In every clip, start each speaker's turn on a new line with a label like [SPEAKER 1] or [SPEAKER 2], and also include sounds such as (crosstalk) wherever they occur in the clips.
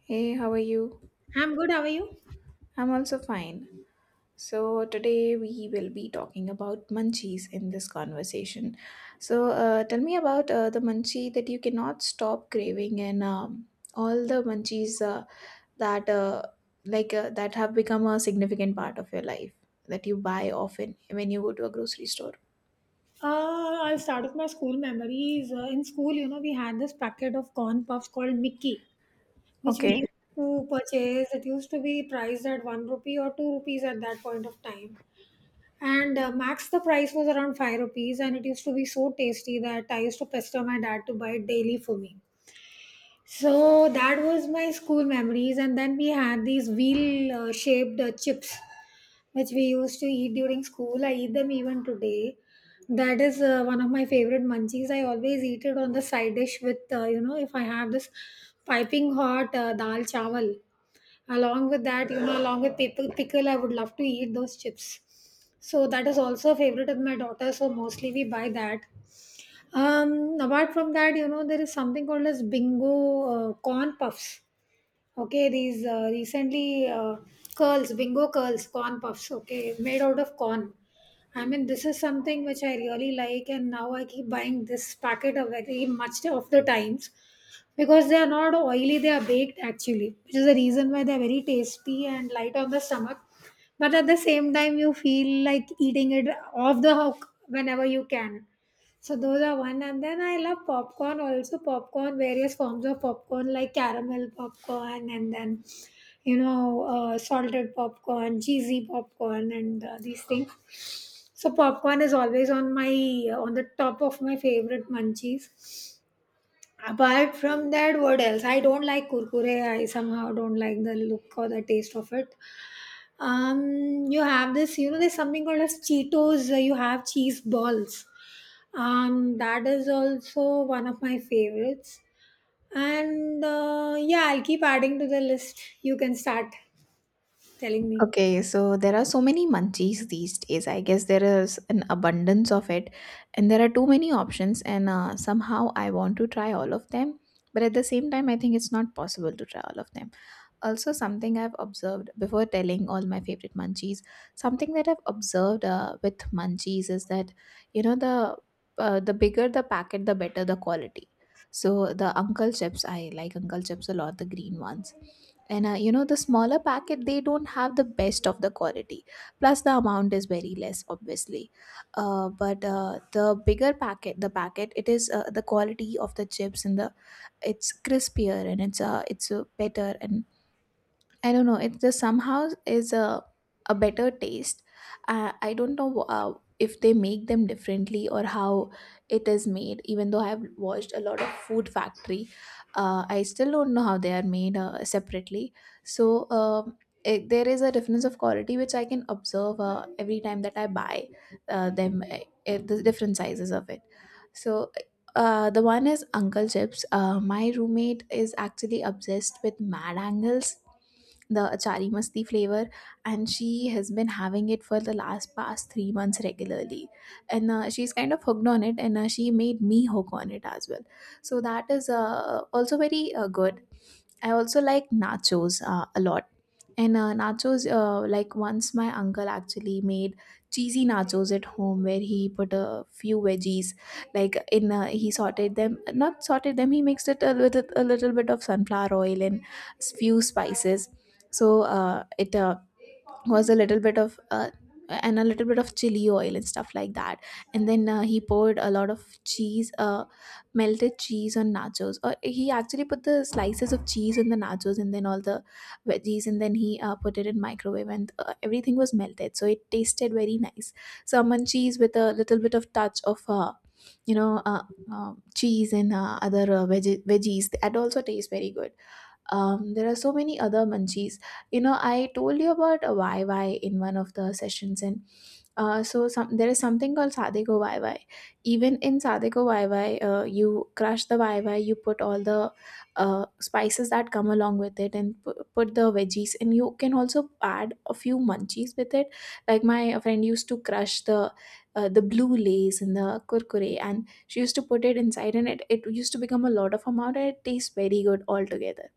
[SPEAKER 1] Hey, how are you?
[SPEAKER 2] I'm good. How are you?
[SPEAKER 1] I'm also fine. So, today we will be talking about munchies in this conversation. So, tell me about the munchie that you cannot stop craving, and all the munchies that uh, that have become a significant part of your life that you buy often when you go to a grocery store.
[SPEAKER 2] I'll start with my school memories. In school, you know, we had this packet of corn puffs called Mickey, which we
[SPEAKER 1] Okay.
[SPEAKER 2] used to purchase. It used to be priced at one rupee or two rupees at that point of time. And Max, the price was around five rupees, and it used to be so tasty that I used to pester my dad to buy it daily for me. So that was my school memories, and then we had these wheel-shaped chips, which we used to eat during school. I eat them even today. That is one of my favorite munchies. I always eat it on the side dish with, you know, if I have this piping hot dal chawal. Along with that, you know, along with pickle, I would love to eat those chips. So that is also a favorite of my daughter. So mostly we buy that. Apart from that, you know, there is something called as bingo corn puffs. Okay, these recently curls, bingo curls, corn puffs. Okay, made out of corn. I mean, this is something which I really like, and now I keep buying this packet of very much of the times, because they are not oily, they are baked actually, which is the reason why they are very tasty and light on the stomach, but at the same time you feel like eating it off the hook whenever you can. So those are one, and then I love popcorn also. Popcorn, various forms of popcorn like caramel popcorn, and then, you know, salted popcorn, cheesy popcorn, and these things. So popcorn is always on my on the top of my favorite munchies. Apart from that, what else? I don't like kurkure. I somehow don't like the look or the taste of it. You have this, you know, there's something called as Cheetos. You have cheese balls. That is also one of my favorites. And Yeah, I'll keep adding to the list. You can start telling me.
[SPEAKER 1] Okay, so there are so many munchies these days. I guess there is an abundance of it, and there are too many options. And somehow I want to try all of them, but at the same time, I think it's not possible to try all of them. Also, something I've observed before telling all my favorite munchies, something that I've observed with munchies is that you know the the bigger the packet, the better the quality. So the Uncle Chips, I like Uncle Chips a lot, the green ones. And the smaller packet, they don't have the best of the quality, plus the amount is very less, obviously. But the bigger packet, the packet it is, the quality of the chips, and the it's crispier, and it's better. And I don't know. It just somehow is a better taste. I don't know if they make them differently or how it is made. Even though I have watched a lot of Food Factory, I still don't know how they are made separately. So there is a difference of quality, which I can observe every time that I buy them. The different sizes of it. So the one is Uncle Chips. My roommate is actually obsessed with Mad Angles, the achari masti flavor, and she has been having it for the last past 3 months regularly, and she's kind of hooked on it, and she made me hook on it as well. So that is also very good. I also like nachos a lot. And nachos, like once my uncle actually made cheesy nachos at home, where he put a few veggies, like in he sauteed them, not sauteed them, he mixed it a little bit of sunflower oil and few spices. So it was a little bit of and a little bit of chili oil and stuff like that. And then he poured a lot of cheese, melted cheese on nachos, or he actually put the slices of cheese on the nachos, and then all the veggies, and then he put it in microwave, and everything was melted, so it tasted very nice. Salmon cheese with a little bit of touch of you know uh, cheese, and other veggies, that also tastes very good. There are so many other munchies. I told you about a yy in one of the sessions. And So there is something called sadeko yy. Even in sadeko yy, you crush the yy, you put all the spices that come along with it, and put the veggies, and you can also add a few munchies with it, like my friend used to crush the blue Lays and the kurkure, and she used to put it inside, and it used to become a lot of amount, and it tastes very good altogether.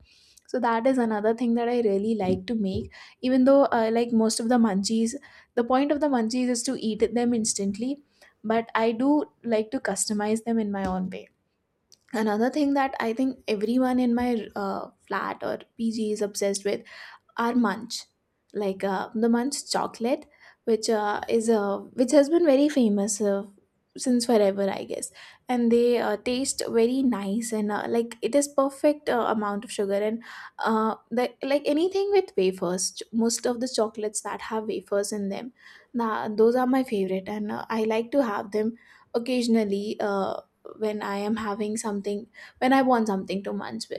[SPEAKER 1] So that is another thing that I really like to make. Even though, like most of the munchies, the point of the munchies is to eat them instantly, but I do like to customize them in my own way. Another thing that I think everyone in my flat or PG is obsessed with are munch like the munch chocolate, which has been very famous since forever, I guess. And they taste very nice, and like it is perfect amount of sugar. And like anything with wafers, most of the chocolates that have wafers in them, nah, those are my favorite. And I like to have them occasionally, when I am having something, when I want something to munch.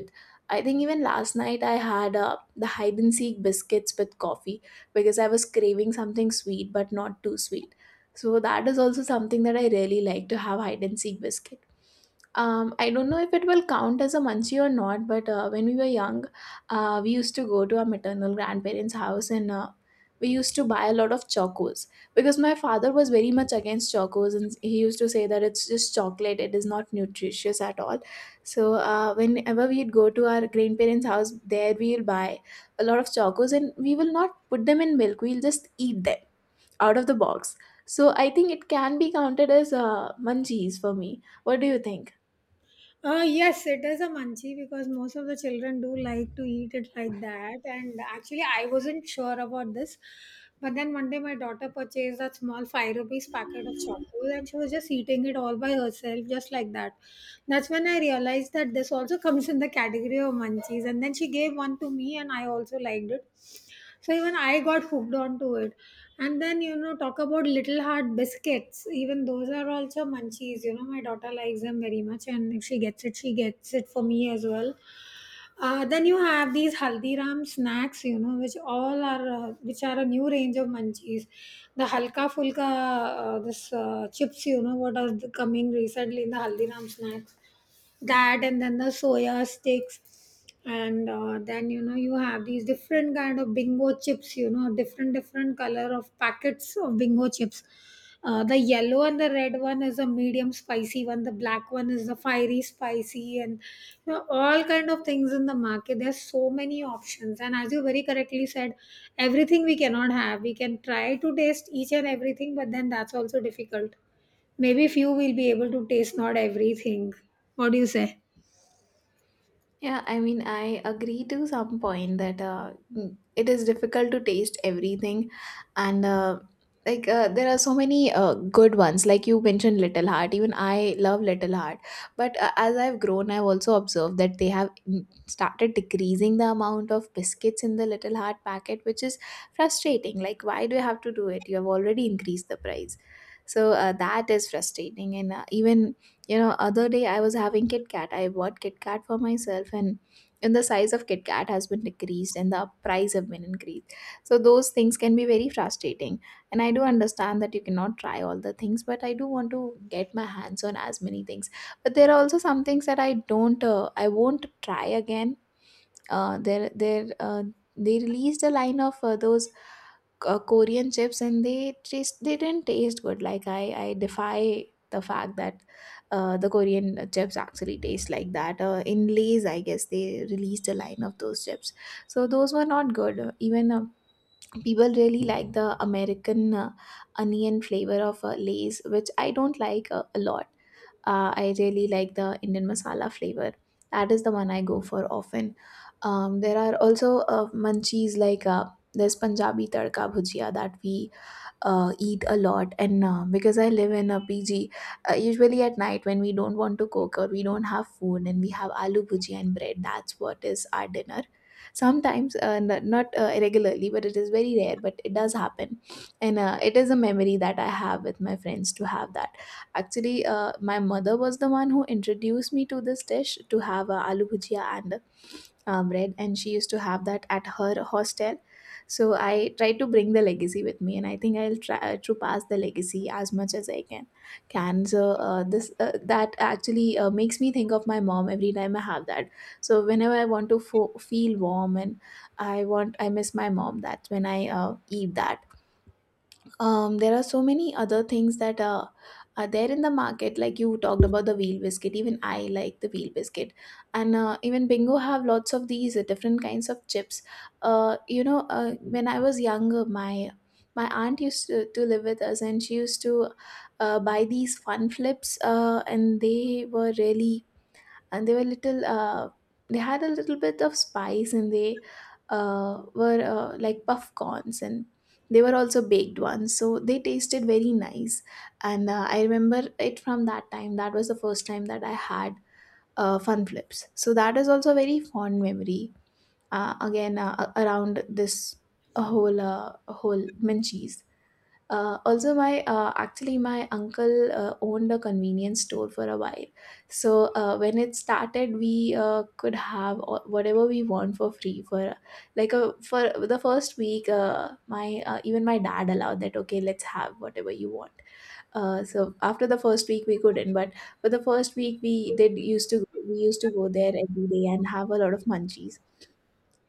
[SPEAKER 1] I think even last night I had the hide and seek biscuits with coffee, because I was craving something sweet but not too sweet. So that is also something that I really like to have, hide and seek biscuits. I don't know if it will count as a munchie or not, but when we were young, we used to go to our maternal grandparents' house, and we used to buy a lot of chocos, because my father was very much against chocos, and he used to say that it's just chocolate, it is not nutritious at all. So, whenever we'd go to our grandparents' house, there we'll buy a lot of chocos, and we will not put them in milk, we'll just eat them out of the box. So, I think it can be counted as munchies for me. What do you think?
[SPEAKER 2] Yes, it is a munchie because most of the children do like to eat it like that. And actually, I wasn't sure about this. But then one day, my daughter purchased a small 5 rupees packet of chocos and she was just eating it all by herself, just like that. That's when I realized that this also (laughs) comes in the category of munchies. And then she gave one to me, and I also liked it. So even I got hooked onto it. And then, you know, talk about Little Heart biscuits. Even those are also munchies. You know, my daughter likes them very much. And if she gets it, she gets it for me as well. Then you have these Haldiram snacks, you know, which all are, which are a new range of munchies. The Halka Fulka, this chips, you know, what are the coming recently in the Haldiram snack, that and then the soya sticks, and then, you know, you have these different kind of bingo chips, you know, different color of packets of bingo chips, the yellow and the red one is a medium spicy one, the black one is the fiery spicy. And you know, all kind of things in the market, there's so many options, and as you very correctly said, everything we cannot have. We can try to taste each and everything, but then that's also difficult. Maybe few will be able to taste, not everything. What do you say?
[SPEAKER 1] Yeah, I mean, I agree to some point that it is difficult to taste everything, and like there are so many good ones. Like you mentioned, Little Heart. Even I love Little Heart, but as I've grown, I've also observed that they have started decreasing the amount of biscuits in the Little Heart packet, which is frustrating. Like, why do you have to do it? You have already increased the price. So that is frustrating, and even other day I was having Kit Kat. I bought Kit Kat for myself, and the size of Kit Kat has been decreased, and the price have been increased. So those things can be very frustrating. And I do understand that you cannot try all the things, but I do want to get my hands on as many things. But there are also some things that I won't try again. uh, they there uh, they released a line of those Korean chips, and they didn't taste good. Like I defy the fact that the Korean chips actually taste like that. In Lay's, I guess they released a line of those chips, so those were not good. Even people really like the American onion flavor of Lay's, which I don't like a lot. I really like the Indian masala flavor. That is the one I go for often. There are also munchies, like there's Punjabi tadka bhujia that we eat a lot. And because I live in a PG, usually at night when we don't want to cook, or we don't have food, and we have aloo bhujia and bread, that's what is our dinner sometimes. Not regularly, but it is very rare, but it does happen. And it is a memory that I have with my friends, to have that. Actually, my mother was the one who introduced me to this dish, to have aloo bhujia and bread, and she used to have that at her hostel. So I try to bring the legacy with me, and I think I'll try to pass the legacy as much as I can. So this that actually makes me think of my mom every time I have that. So whenever I want to feel warm, and I miss my mom, that's when I eat that. There are so many other things that are there in the market, like you talked about the wheel biscuit. Even I like the wheel biscuit. And even bingo have lots of these different kinds of chips. When I was younger, my aunt used to live with us, and she used to buy these fun flips, and they were really, and they were little, they had a little bit of spice, and they were like puff corns, and they were also baked ones, so they tasted very nice. And I remember it from that time, that was the first time that I had fun flips. So that is also a very fond memory. Again, around this whole, whole munchies. Also, my actually my uncle owned a convenience store for a while. So when it started, we could have whatever we want for free for for the first week. My Even my dad allowed that. Okay, let's have whatever you want. So after the first week, we couldn't. But for the first week, we did used to we used to go there every day and have a lot of munchies.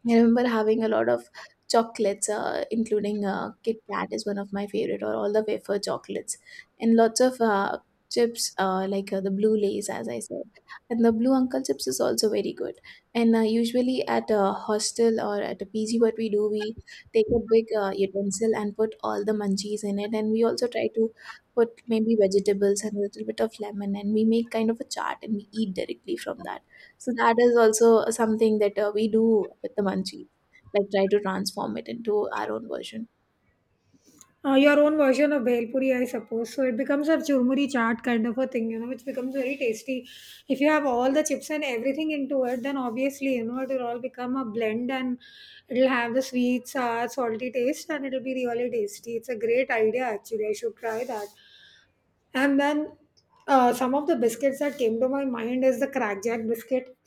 [SPEAKER 1] I remember having a lot of chocolates, including Kit Kat is one of my favorite, or all the wafer chocolates, and lots of chips like the blue lays, as I said, and the blue uncle chips is also very good. And usually at a hostel or at a PG, what we do, we take a big utensil and put all the munchies in it, and we also try to put maybe vegetables and a little bit of lemon, and we make kind of a chart and we eat directly from that. So that is also something that we do with the munchies, like try to transform it into our own version.
[SPEAKER 2] Your own version of bhelpuri, I suppose. So it becomes a churmuri chaat kind of a thing, you know, which becomes very tasty. If you have all the chips and everything into it, then obviously, you know, it will all become a blend and it'll have the sweet, sour, salty taste and it'll be really tasty. It's a great idea, actually. I should try that. And then some of the biscuits that came to my mind is the crackjack biscuit.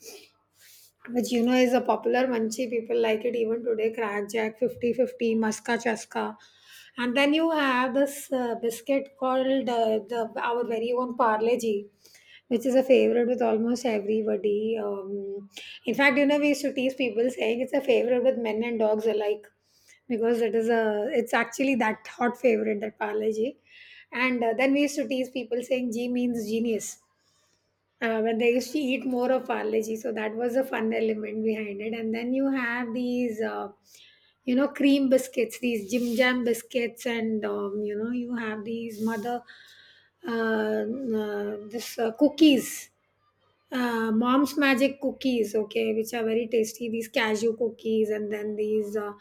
[SPEAKER 2] Which you know is a popular munchie. People like it even today. Crackjack, fifty-fifty, 50 Muska Chaska. And then you have this biscuit called the our very own Parleji, which is a favorite with almost everybody. In fact, you know, we used to tease people saying it's a favorite with men and dogs alike because it is a it's actually that hot favorite, that Parleji. And Then we used to tease people saying G means genius when they used to eat more of parleji, so that was a fun element behind it. And then you have these, you know, cream biscuits, these Jim Jam biscuits, and you know, you have these mother, this cookies, mom's magic cookies, okay, which are very tasty, these cashew cookies, and then these uh,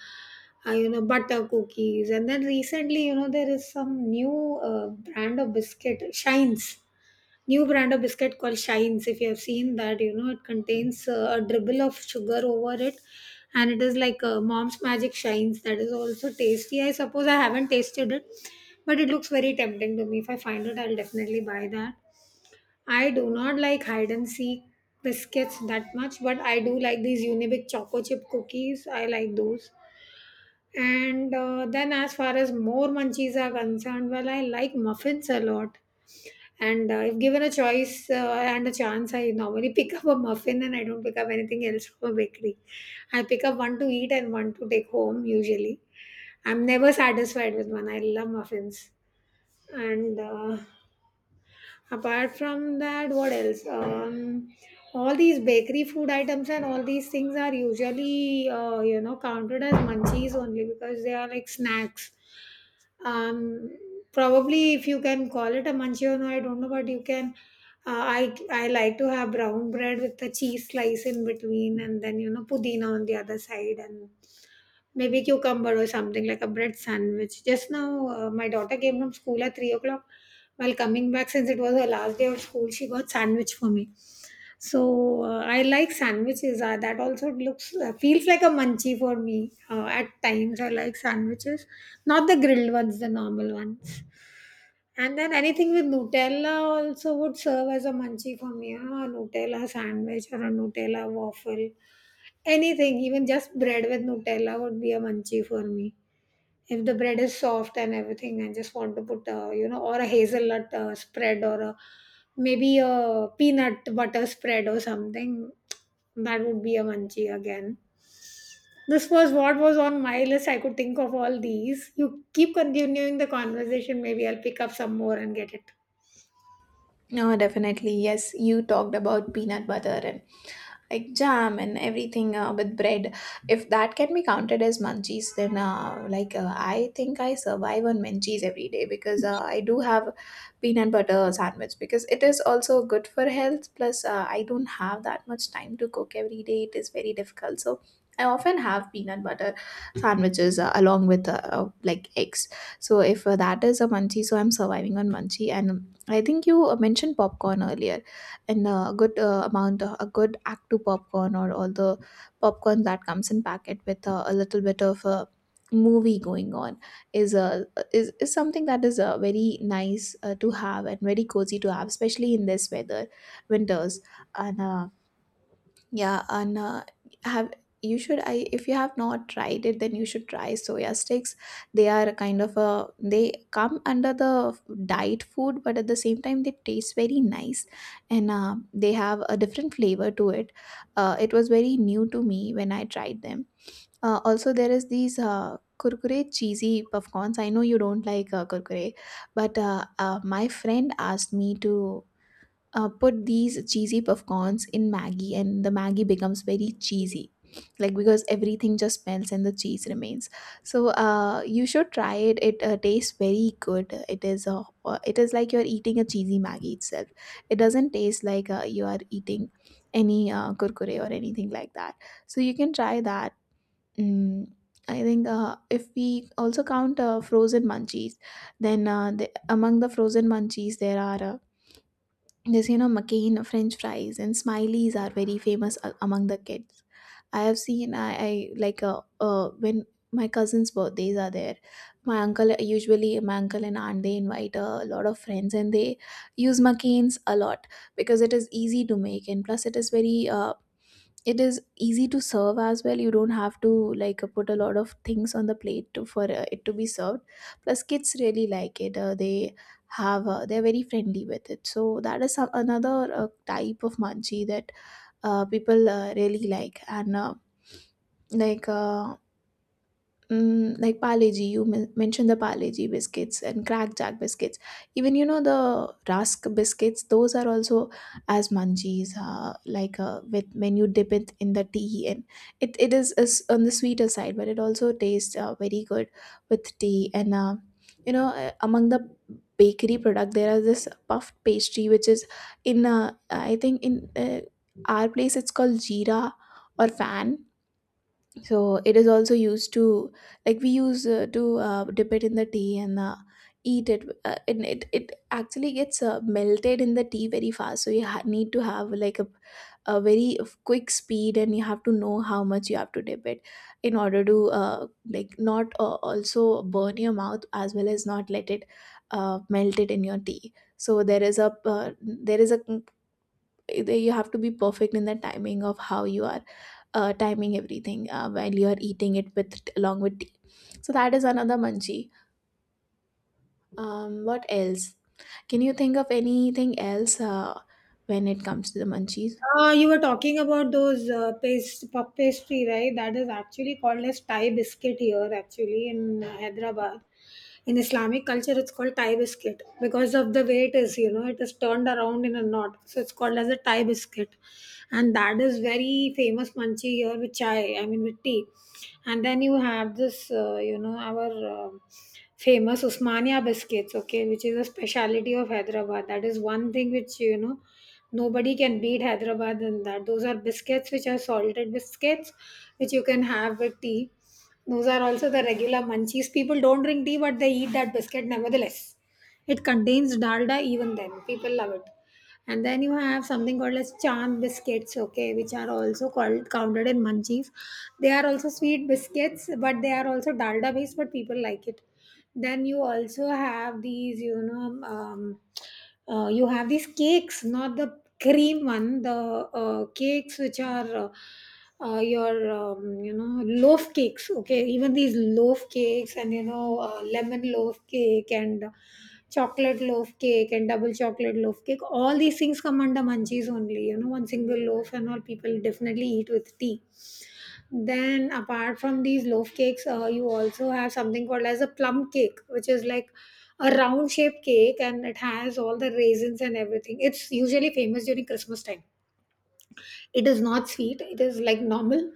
[SPEAKER 2] uh, you know, butter cookies. And then recently, you know, there is some new brand of biscuit shines new brand of biscuit called shines. If you have seen that, you know, it contains a dribble of sugar over it, and it is like mom's magic shines. That is also tasty, I suppose. I haven't tasted it, but it looks very tempting to me. If I find it, I'll definitely buy that. I do not like hide and seek biscuits that much, but I do like these Unibic choco chip cookies. I like those. And Then, as far as more munchies are concerned, well, I like muffins a lot. And If given a choice and a chance, I normally (laughs) pick up a muffin and I don't pick up anything else from a bakery. I pick up one to eat and one to take home usually. I'm never satisfied with one. I love muffins. And Apart from that, what else? All these bakery food items and all these things are usually, you know, counted as munchies only because they are like snacks. um, Probably, if you can call it a manchego, I don't know, but you can. I like to have brown bread with the cheese slice in between, and then, you know, pudina on the other side, and maybe cucumber or something, like a bread sandwich. Just now, my daughter came from school at 3 o'clock. While coming back, since it was her last day of school, she got sandwich for me. So I like sandwiches. That also looks feels like a munchie for me. At times, I like sandwiches, not the grilled ones, the normal ones. And then anything with Nutella also would serve as a munchie for me. You know, a Nutella sandwich or a Nutella waffle. Anything, even just bread with Nutella would be a munchie for me if the bread is soft and everything. I just want to put, you know, or a hazelnut spread, or a, maybe a peanut butter spread or something, that would be a munchie again. This was what was on my list. I could think of all these. You keep continuing the conversation, maybe I'll pick up some more and get it.
[SPEAKER 1] No, definitely. Yes, you talked about peanut butter like jam and everything with bread. If that can be counted as munchies, then I think I survive on munchies every day because I do have peanut butter sandwich because it is also good for health. Plus I don't have that much time to cook every day. It is very difficult, so I often have peanut butter sandwiches along with like eggs. So if that is a munchie, so I'm surviving on munchie. And I think you mentioned popcorn earlier, and a good amount of a good actu popcorn or all the popcorn that comes in packet with a little bit of a movie going on, is a is something that is very nice to have and very cozy to have, especially in this weather, winters. And yeah, and have you should I if you have not tried it, then you should try soya sticks. They are kind of a they come under the diet food, but at the same time they taste very nice, and they have a different flavor to it. It was very new to me when I tried them. Also, there is these kurkure cheesy puffcorns. I know you don't like kurkure, but my friend asked me to put these cheesy popcorns in Maggie, and the Maggie becomes very cheesy, like because everything just melts and the cheese remains. So you should try it. It tastes very good. It is it is like you're eating a cheesy Maggie itself. It doesn't taste like you are eating any kurkure or anything like that. So you can try that. Mm, I think if we also count frozen munchies, then among the frozen munchies there are. This, you know, McCain french fries and smileys are very famous among the kids. I have seen I like when my cousin's birthdays are there, my uncle and aunt, they invite a lot of friends and they use McCains a lot because it is easy to make, and plus it is very it is easy to serve as well. You don't have to like put a lot of things on the plate to, for it to be served. Plus kids really like it. They have they're very friendly with it. So that is another type of manchi that people really like. And like uh, mm, like Parle, you mentioned the Parle biscuits and crackjack biscuits. Even, you know, the Rusk biscuits, those are also as munchies. With when you dip it in the tea, and is on the sweeter side, but it also tastes very good with tea. And you know, among the bakery product, there is this puffed pastry which is in I think in our place it's called Jeera or Fan. So it is also used to like we use to dip it in the tea and eat it, and it actually gets melted in the tea very fast, so you need to have like a very quick speed, and you have to know how much you have to dip it in order to like not also burn your mouth as well as not let it melt it in your tea. So there is a you have to be perfect in the timing of how you are timing everything while you are eating it with along with tea. So that is another munchie. What else? Can you think of anything else when it comes to the munchies?
[SPEAKER 2] You were talking about those paste puff pastry, right? That is actually called as Thai biscuit here, actually in Hyderabad. In Islamic culture, it's called Thai biscuit because of the way it is. You know, it is turned around in a knot, so it's called as a Thai biscuit, and that is very famous manchi here with chai. I mean, with tea. And then you have this, you know, our. um Famous Usmania biscuits, okay, which is a specialty of Hyderabad. That is one thing which, you know, nobody can beat Hyderabad in that. Those are biscuits which are salted biscuits, which you can have with tea. Those are also the regular munchies. People don't drink tea, but they eat that biscuit nevertheless. It contains dalda even then. People love it. And then you have something called as chan biscuits, okay, which are also called counted in munchies. They are also sweet biscuits, but they are also dalda based, but people like it. Then you also have these, you know, you have these cakes, not the cream one, the cakes which are. Your you know, loaf cakes, okay, even these loaf cakes. And you know, lemon loaf cake and chocolate loaf cake and double chocolate loaf cake, all these things come under munchies only. You know, one single loaf and all, people definitely eat with tea. Then, apart from these loaf cakes, you also have something called as a plum cake, which is like a round shaped cake and it has all the raisins and everything. It's usually famous during Christmas time. It is not sweet, it is like normal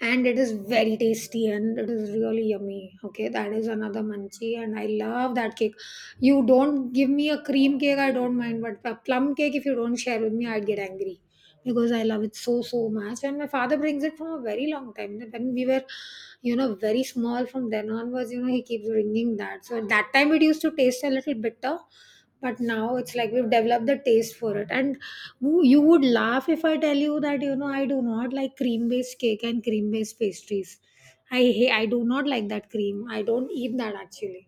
[SPEAKER 2] and it is very tasty and it is really yummy. Okay, that is another munchie and I love that cake. You don't give me a cream cake, I don't mind, but a plum cake, if you don't share with me, I'd get angry because I love it so so much. And my father brings it from a very long time. When we were very small, from then onwards, he keeps bringing that. So at that time, it used to taste a little bitter, but now it's like we've developed the taste for it. And you would laugh if I tell you that I do not like cream based cake and cream based pastries. I do not like that cream, I don't eat that actually.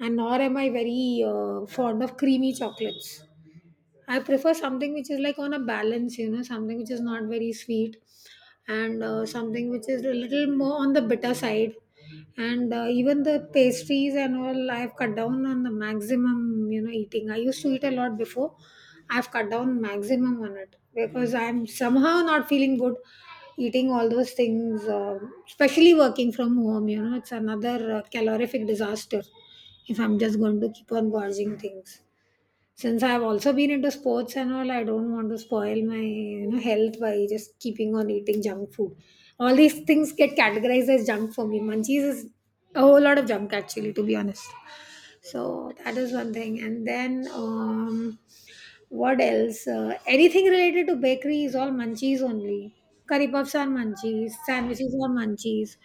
[SPEAKER 2] And nor am I very fond of creamy chocolates. I prefer something which is like on a balance, something which is not very sweet and something which is a little more on the bitter side. And even the pastries and all, I've cut down on the maximum, eating. I used to eat a lot before. I've cut down maximum on it because I'm somehow not feeling good eating all those things, especially working from home, it's another calorific disaster if I'm just going to keep on gorging things. Since I've also been into sports and all, I don't want to spoil my health by just keeping on eating junk food. All these things get categorized as junk for me. Munchies is a whole lot of junk actually, to be honest. So that is one thing, and then what else? Anything related to bakery is all munchies only. Curry puffs are munchies, sandwiches are munchies,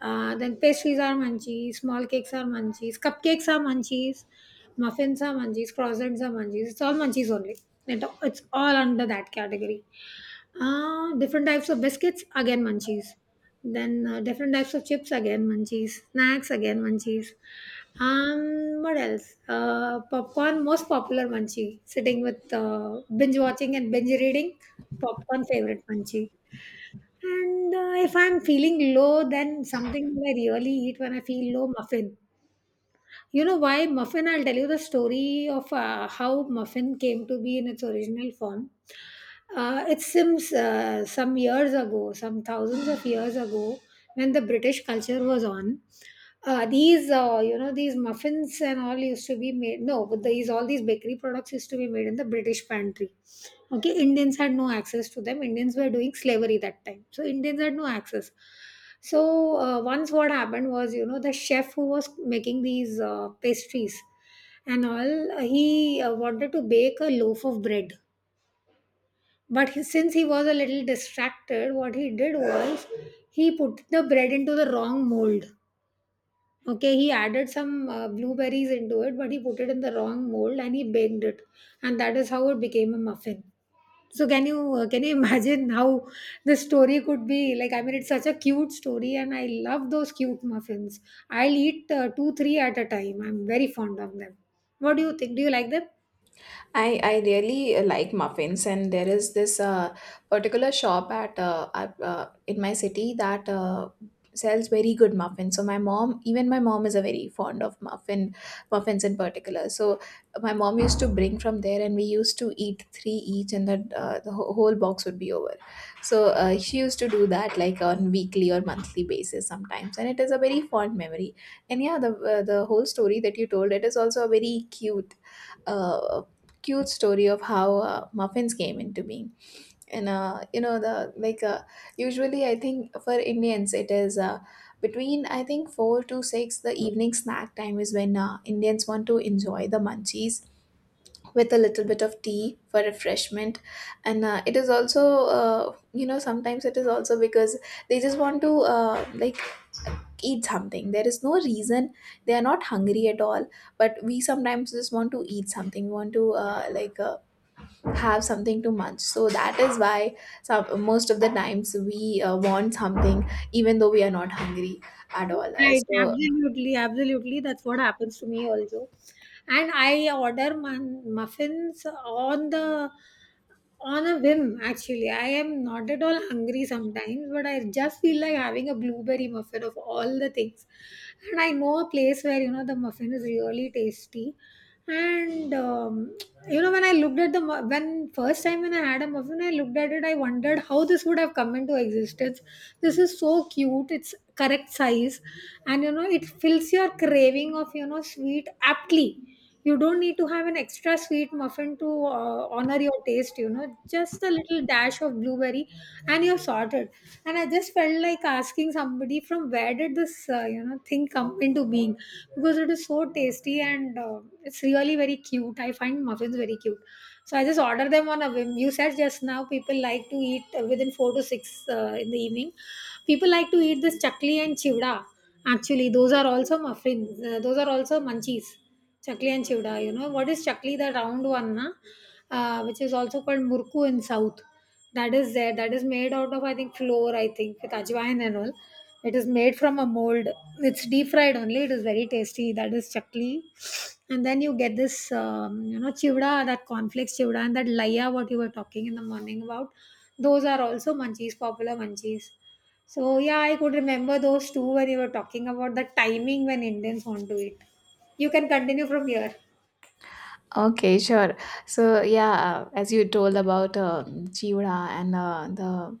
[SPEAKER 2] then pastries are munchies, small cakes are munchies, cupcakes are munchies, muffins are munchies, croissants are munchies, it's all munchies only. It's all under that category. Different types of biscuits, again munchies. Then different types of chips, again munchies. Snacks, again munchies. What else? Popcorn, most popular munchie. Sitting with binge watching and binge reading, popcorn favorite munchie. And if I'm feeling low, then something I really eat when I feel low, muffin. You know why muffin? I'll tell you the story of how muffin came to be in its original form. It seems some years ago, some thousands of years ago, when the British culture was on, these these muffins and all used to be made. No, but these all these bakery products used to be made in the British pantry. Okay, Indians had no access to them. Indians were doing slavery that time, so Indians had no access. So once what happened was, the chef who was making these pastries and all, he wanted to bake a loaf of bread, but he, since he was a little distracted, what he did was he put the bread into the wrong mold. Okay, he added some blueberries into it, but he put it in the wrong mold and he baked it, and that is how it became a muffin. So can you can you (laughs) imagine how the story could be? Like I mean, it's such a cute story, and I love those cute muffins. I'll eat two three at a time. I'm very fond of them. What do you think? Do you like them?
[SPEAKER 1] I really like muffins, and there is this particular shop in my city that sells very good muffins. So my mom, is a very fond of muffins in particular. So my mom used to bring from there and we used to eat three each, and that the whole box would be over. So she used to do that like on weekly or monthly basis sometimes, and it is a very fond memory. And yeah, the whole story that you told, it is also a very uh, cute story of how muffins came into being. And you know, the like usually I think for Indians it is between I think 4 to 6, the evening snack time is when Indians want to enjoy the munchies with a little bit of tea for refreshment. And it is also uh, you know, sometimes it is also because they just want to like eat something. There is no reason, they are not hungry at all, but we sometimes just want to eat something. We want to have something to munch. So that is why most of the times we want something even though we are not hungry at all.
[SPEAKER 2] Right,
[SPEAKER 1] So
[SPEAKER 2] absolutely, absolutely. That's what happens to me also. And I order muffins on the on a whim actually. I am not at all hungry sometimes, but I just feel like having a blueberry muffin of all the things. And I know a place where the muffin is really tasty. And you know when I looked at the when first time when I had a muffin, I looked at it. I wondered how this would have come into existence. This is so cute. It's correct size, and it fills your craving of sweet aptly. You don't need to have an extra sweet muffin to honor your taste, just a little dash of blueberry and you're sorted. And I just felt like asking somebody from where did this thing come into being, because it is so tasty and it's really very cute. I find muffins very cute. So I just order them on a whim. You said just now people like to eat within 4 to 6 in the evening. People like to eat this chakli and chivda. Actually, those are also muffins. Those are also munchies. Chakli and chivda. You know what is chakli? The round one, na? Which is also called murku in south. That is there. That is made out of I think flour. I think with ajwain and all. It is made from a mold. It's deep fried only. It is very tasty. That is chakli. And then you get this, chivda, that cornflakes chivda, and that laya, what you were talking in the morning about. Those are also munchies, popular munchies. So yeah, I could remember those two where you were talking about the timing when Indians want to eat. You can continue from here.
[SPEAKER 1] okay, sure. So yeah, as you told about chiwda and the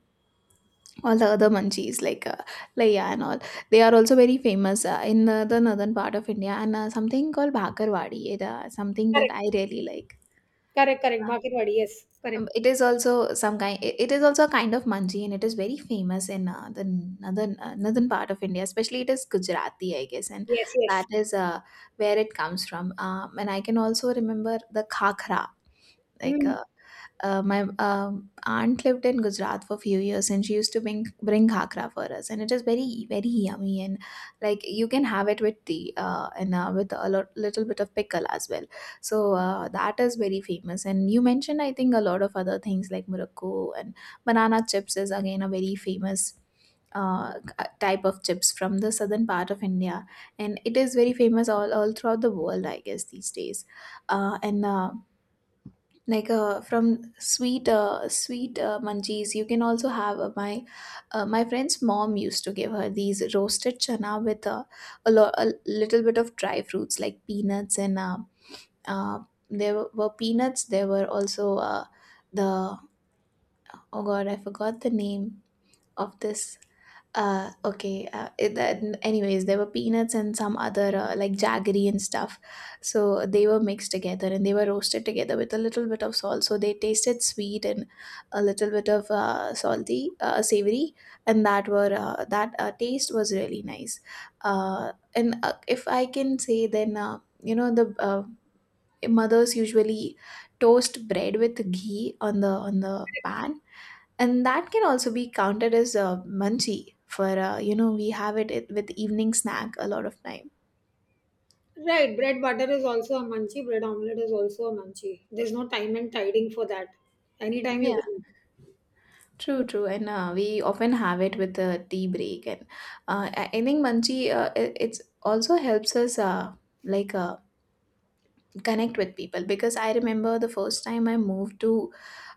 [SPEAKER 1] all the other munchies like laya and all, they are also very famous in the northern part of India, and something called bhakarwadi, something that
[SPEAKER 2] Correct,
[SPEAKER 1] I really like.
[SPEAKER 2] correct, correct. Bakirwadi, yes, correct.
[SPEAKER 1] It is also some kind. It is also a kind of manji, and it is very famous in the northern part of India. Especially, it is Gujarati, I guess, and
[SPEAKER 2] Yes, yes.
[SPEAKER 1] that is where it comes from. And I can also remember the khakra, like
[SPEAKER 2] Mm.
[SPEAKER 1] uh, my aunt lived in Gujarat for a few years, and she used to bring khakra for us, and it is very very yummy, and like you can have it with tea, and with little bit of pickle as well. So that is very famous. And you mentioned, I think, a lot of other things like murukku, and banana chips is again a very famous uh, type of chips from the southern part of India, and it is very famous all throughout the world, I guess, these days. And like from sweet munchies, you can also have my friend's mom used to give her these roasted chana with a little bit of dry fruits like peanuts and uh, there were peanuts, there were also the oh god, I forgot the name of this. Anyways, there were peanuts and some other like jaggery and stuff. So they were mixed together and they were roasted together with a little bit of salt. So they tasted sweet and a little bit of salty, savory, and that taste was really nice. And if I can say, then you know, the mothers usually toast bread with ghee on the pan, and that can also be counted as a munchie, for you know, we have it with evening snack a lot of time.
[SPEAKER 2] Right, bread butter is also a munchie, bread omelette is also a munchie. There's no time and tiding for that. Anytime you
[SPEAKER 1] Yeah.
[SPEAKER 2] can.
[SPEAKER 1] True, true, and we often have it with the tea break, and I think munchie it it's also helps us like uh, connect with people, because I remember the first time I moved to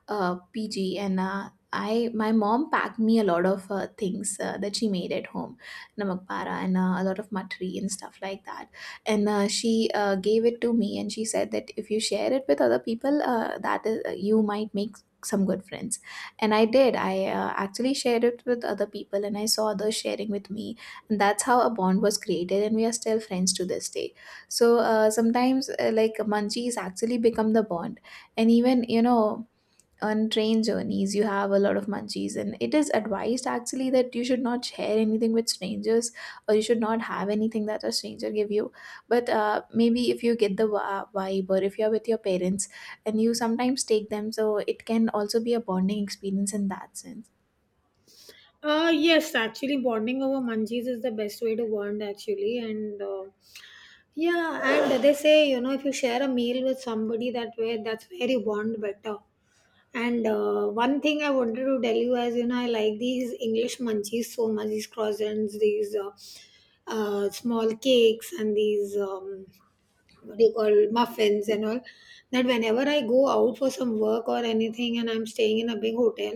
[SPEAKER 1] PG, and I my mom packed me a lot of things that she made at home, namak para and a lot of matri and stuff like that. And she gave it to me, and she said that if you share it with other people, you might make some good friends. And I did. I actually shared it with other people, and I saw others sharing with me, and that's how a bond was created. And we are still friends to this day. So sometimes, like munchies actually become the bond. And even, you know, on train journeys you have a lot of munchies, and it is advised actually that you should not share anything with strangers or you should not have anything that a stranger give you. But maybe if you get the vibe or if you're with your parents and you sometimes take them, so it can also be a bonding experience in that sense.
[SPEAKER 2] Yes, actually, bonding over munchies is the best way to bond, actually. And yeah, and they say, if you share a meal with somebody that way, that's where you bond better. And one thing I wanted to tell you is, I like these English munchies so much, these croissants, these small cakes, and these what do you call, muffins and all, that whenever I go out for some work or anything and I'm staying in a big hotel,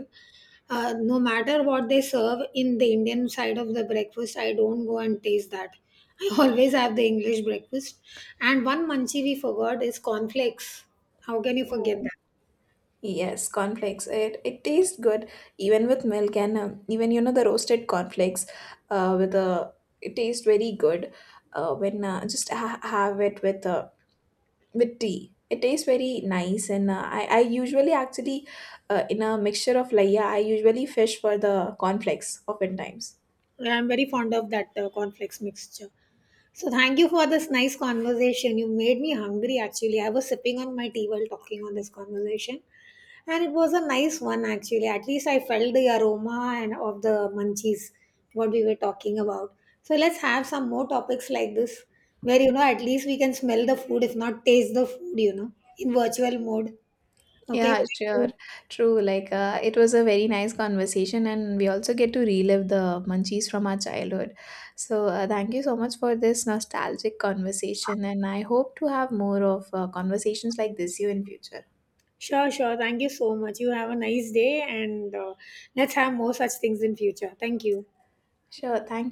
[SPEAKER 2] no matter what they serve in the Indian side of the breakfast, I don't go and taste that. I (laughs) always have the English breakfast. And one munchie we forgot is cornflakes. How can you forget
[SPEAKER 1] Oh,
[SPEAKER 2] that?
[SPEAKER 1] yes, cornflakes. It tastes good even with milk, and even, you know, the roasted cornflakes with a it tastes very good when have it with tea. It tastes very nice, and I usually actually in a mixture of laya, I usually fish for the cornflakes oftentimes.
[SPEAKER 2] Yeah, I'm very fond of that cornflakes mixture. So thank you for this nice conversation. You made me hungry actually. I was sipping on my tea while talking on this conversation. And it was a nice one actually. At least I felt the aroma and of the munchies what we were talking about. So let's have some more topics like this where at least we can smell the food if not taste the food, in virtual mode. Okay?
[SPEAKER 1] Yeah,
[SPEAKER 2] Thank
[SPEAKER 1] sure.
[SPEAKER 2] you.
[SPEAKER 1] True. Like, it was a very nice conversation, and we also get to relive the munchies from our childhood. So, thank you so much for this nostalgic conversation, and I hope to have more of conversations like this you in future.
[SPEAKER 2] Sure, sure. Thank you so much. You have a nice day, and let's have more such things in future. Thank you.
[SPEAKER 1] Sure. Thank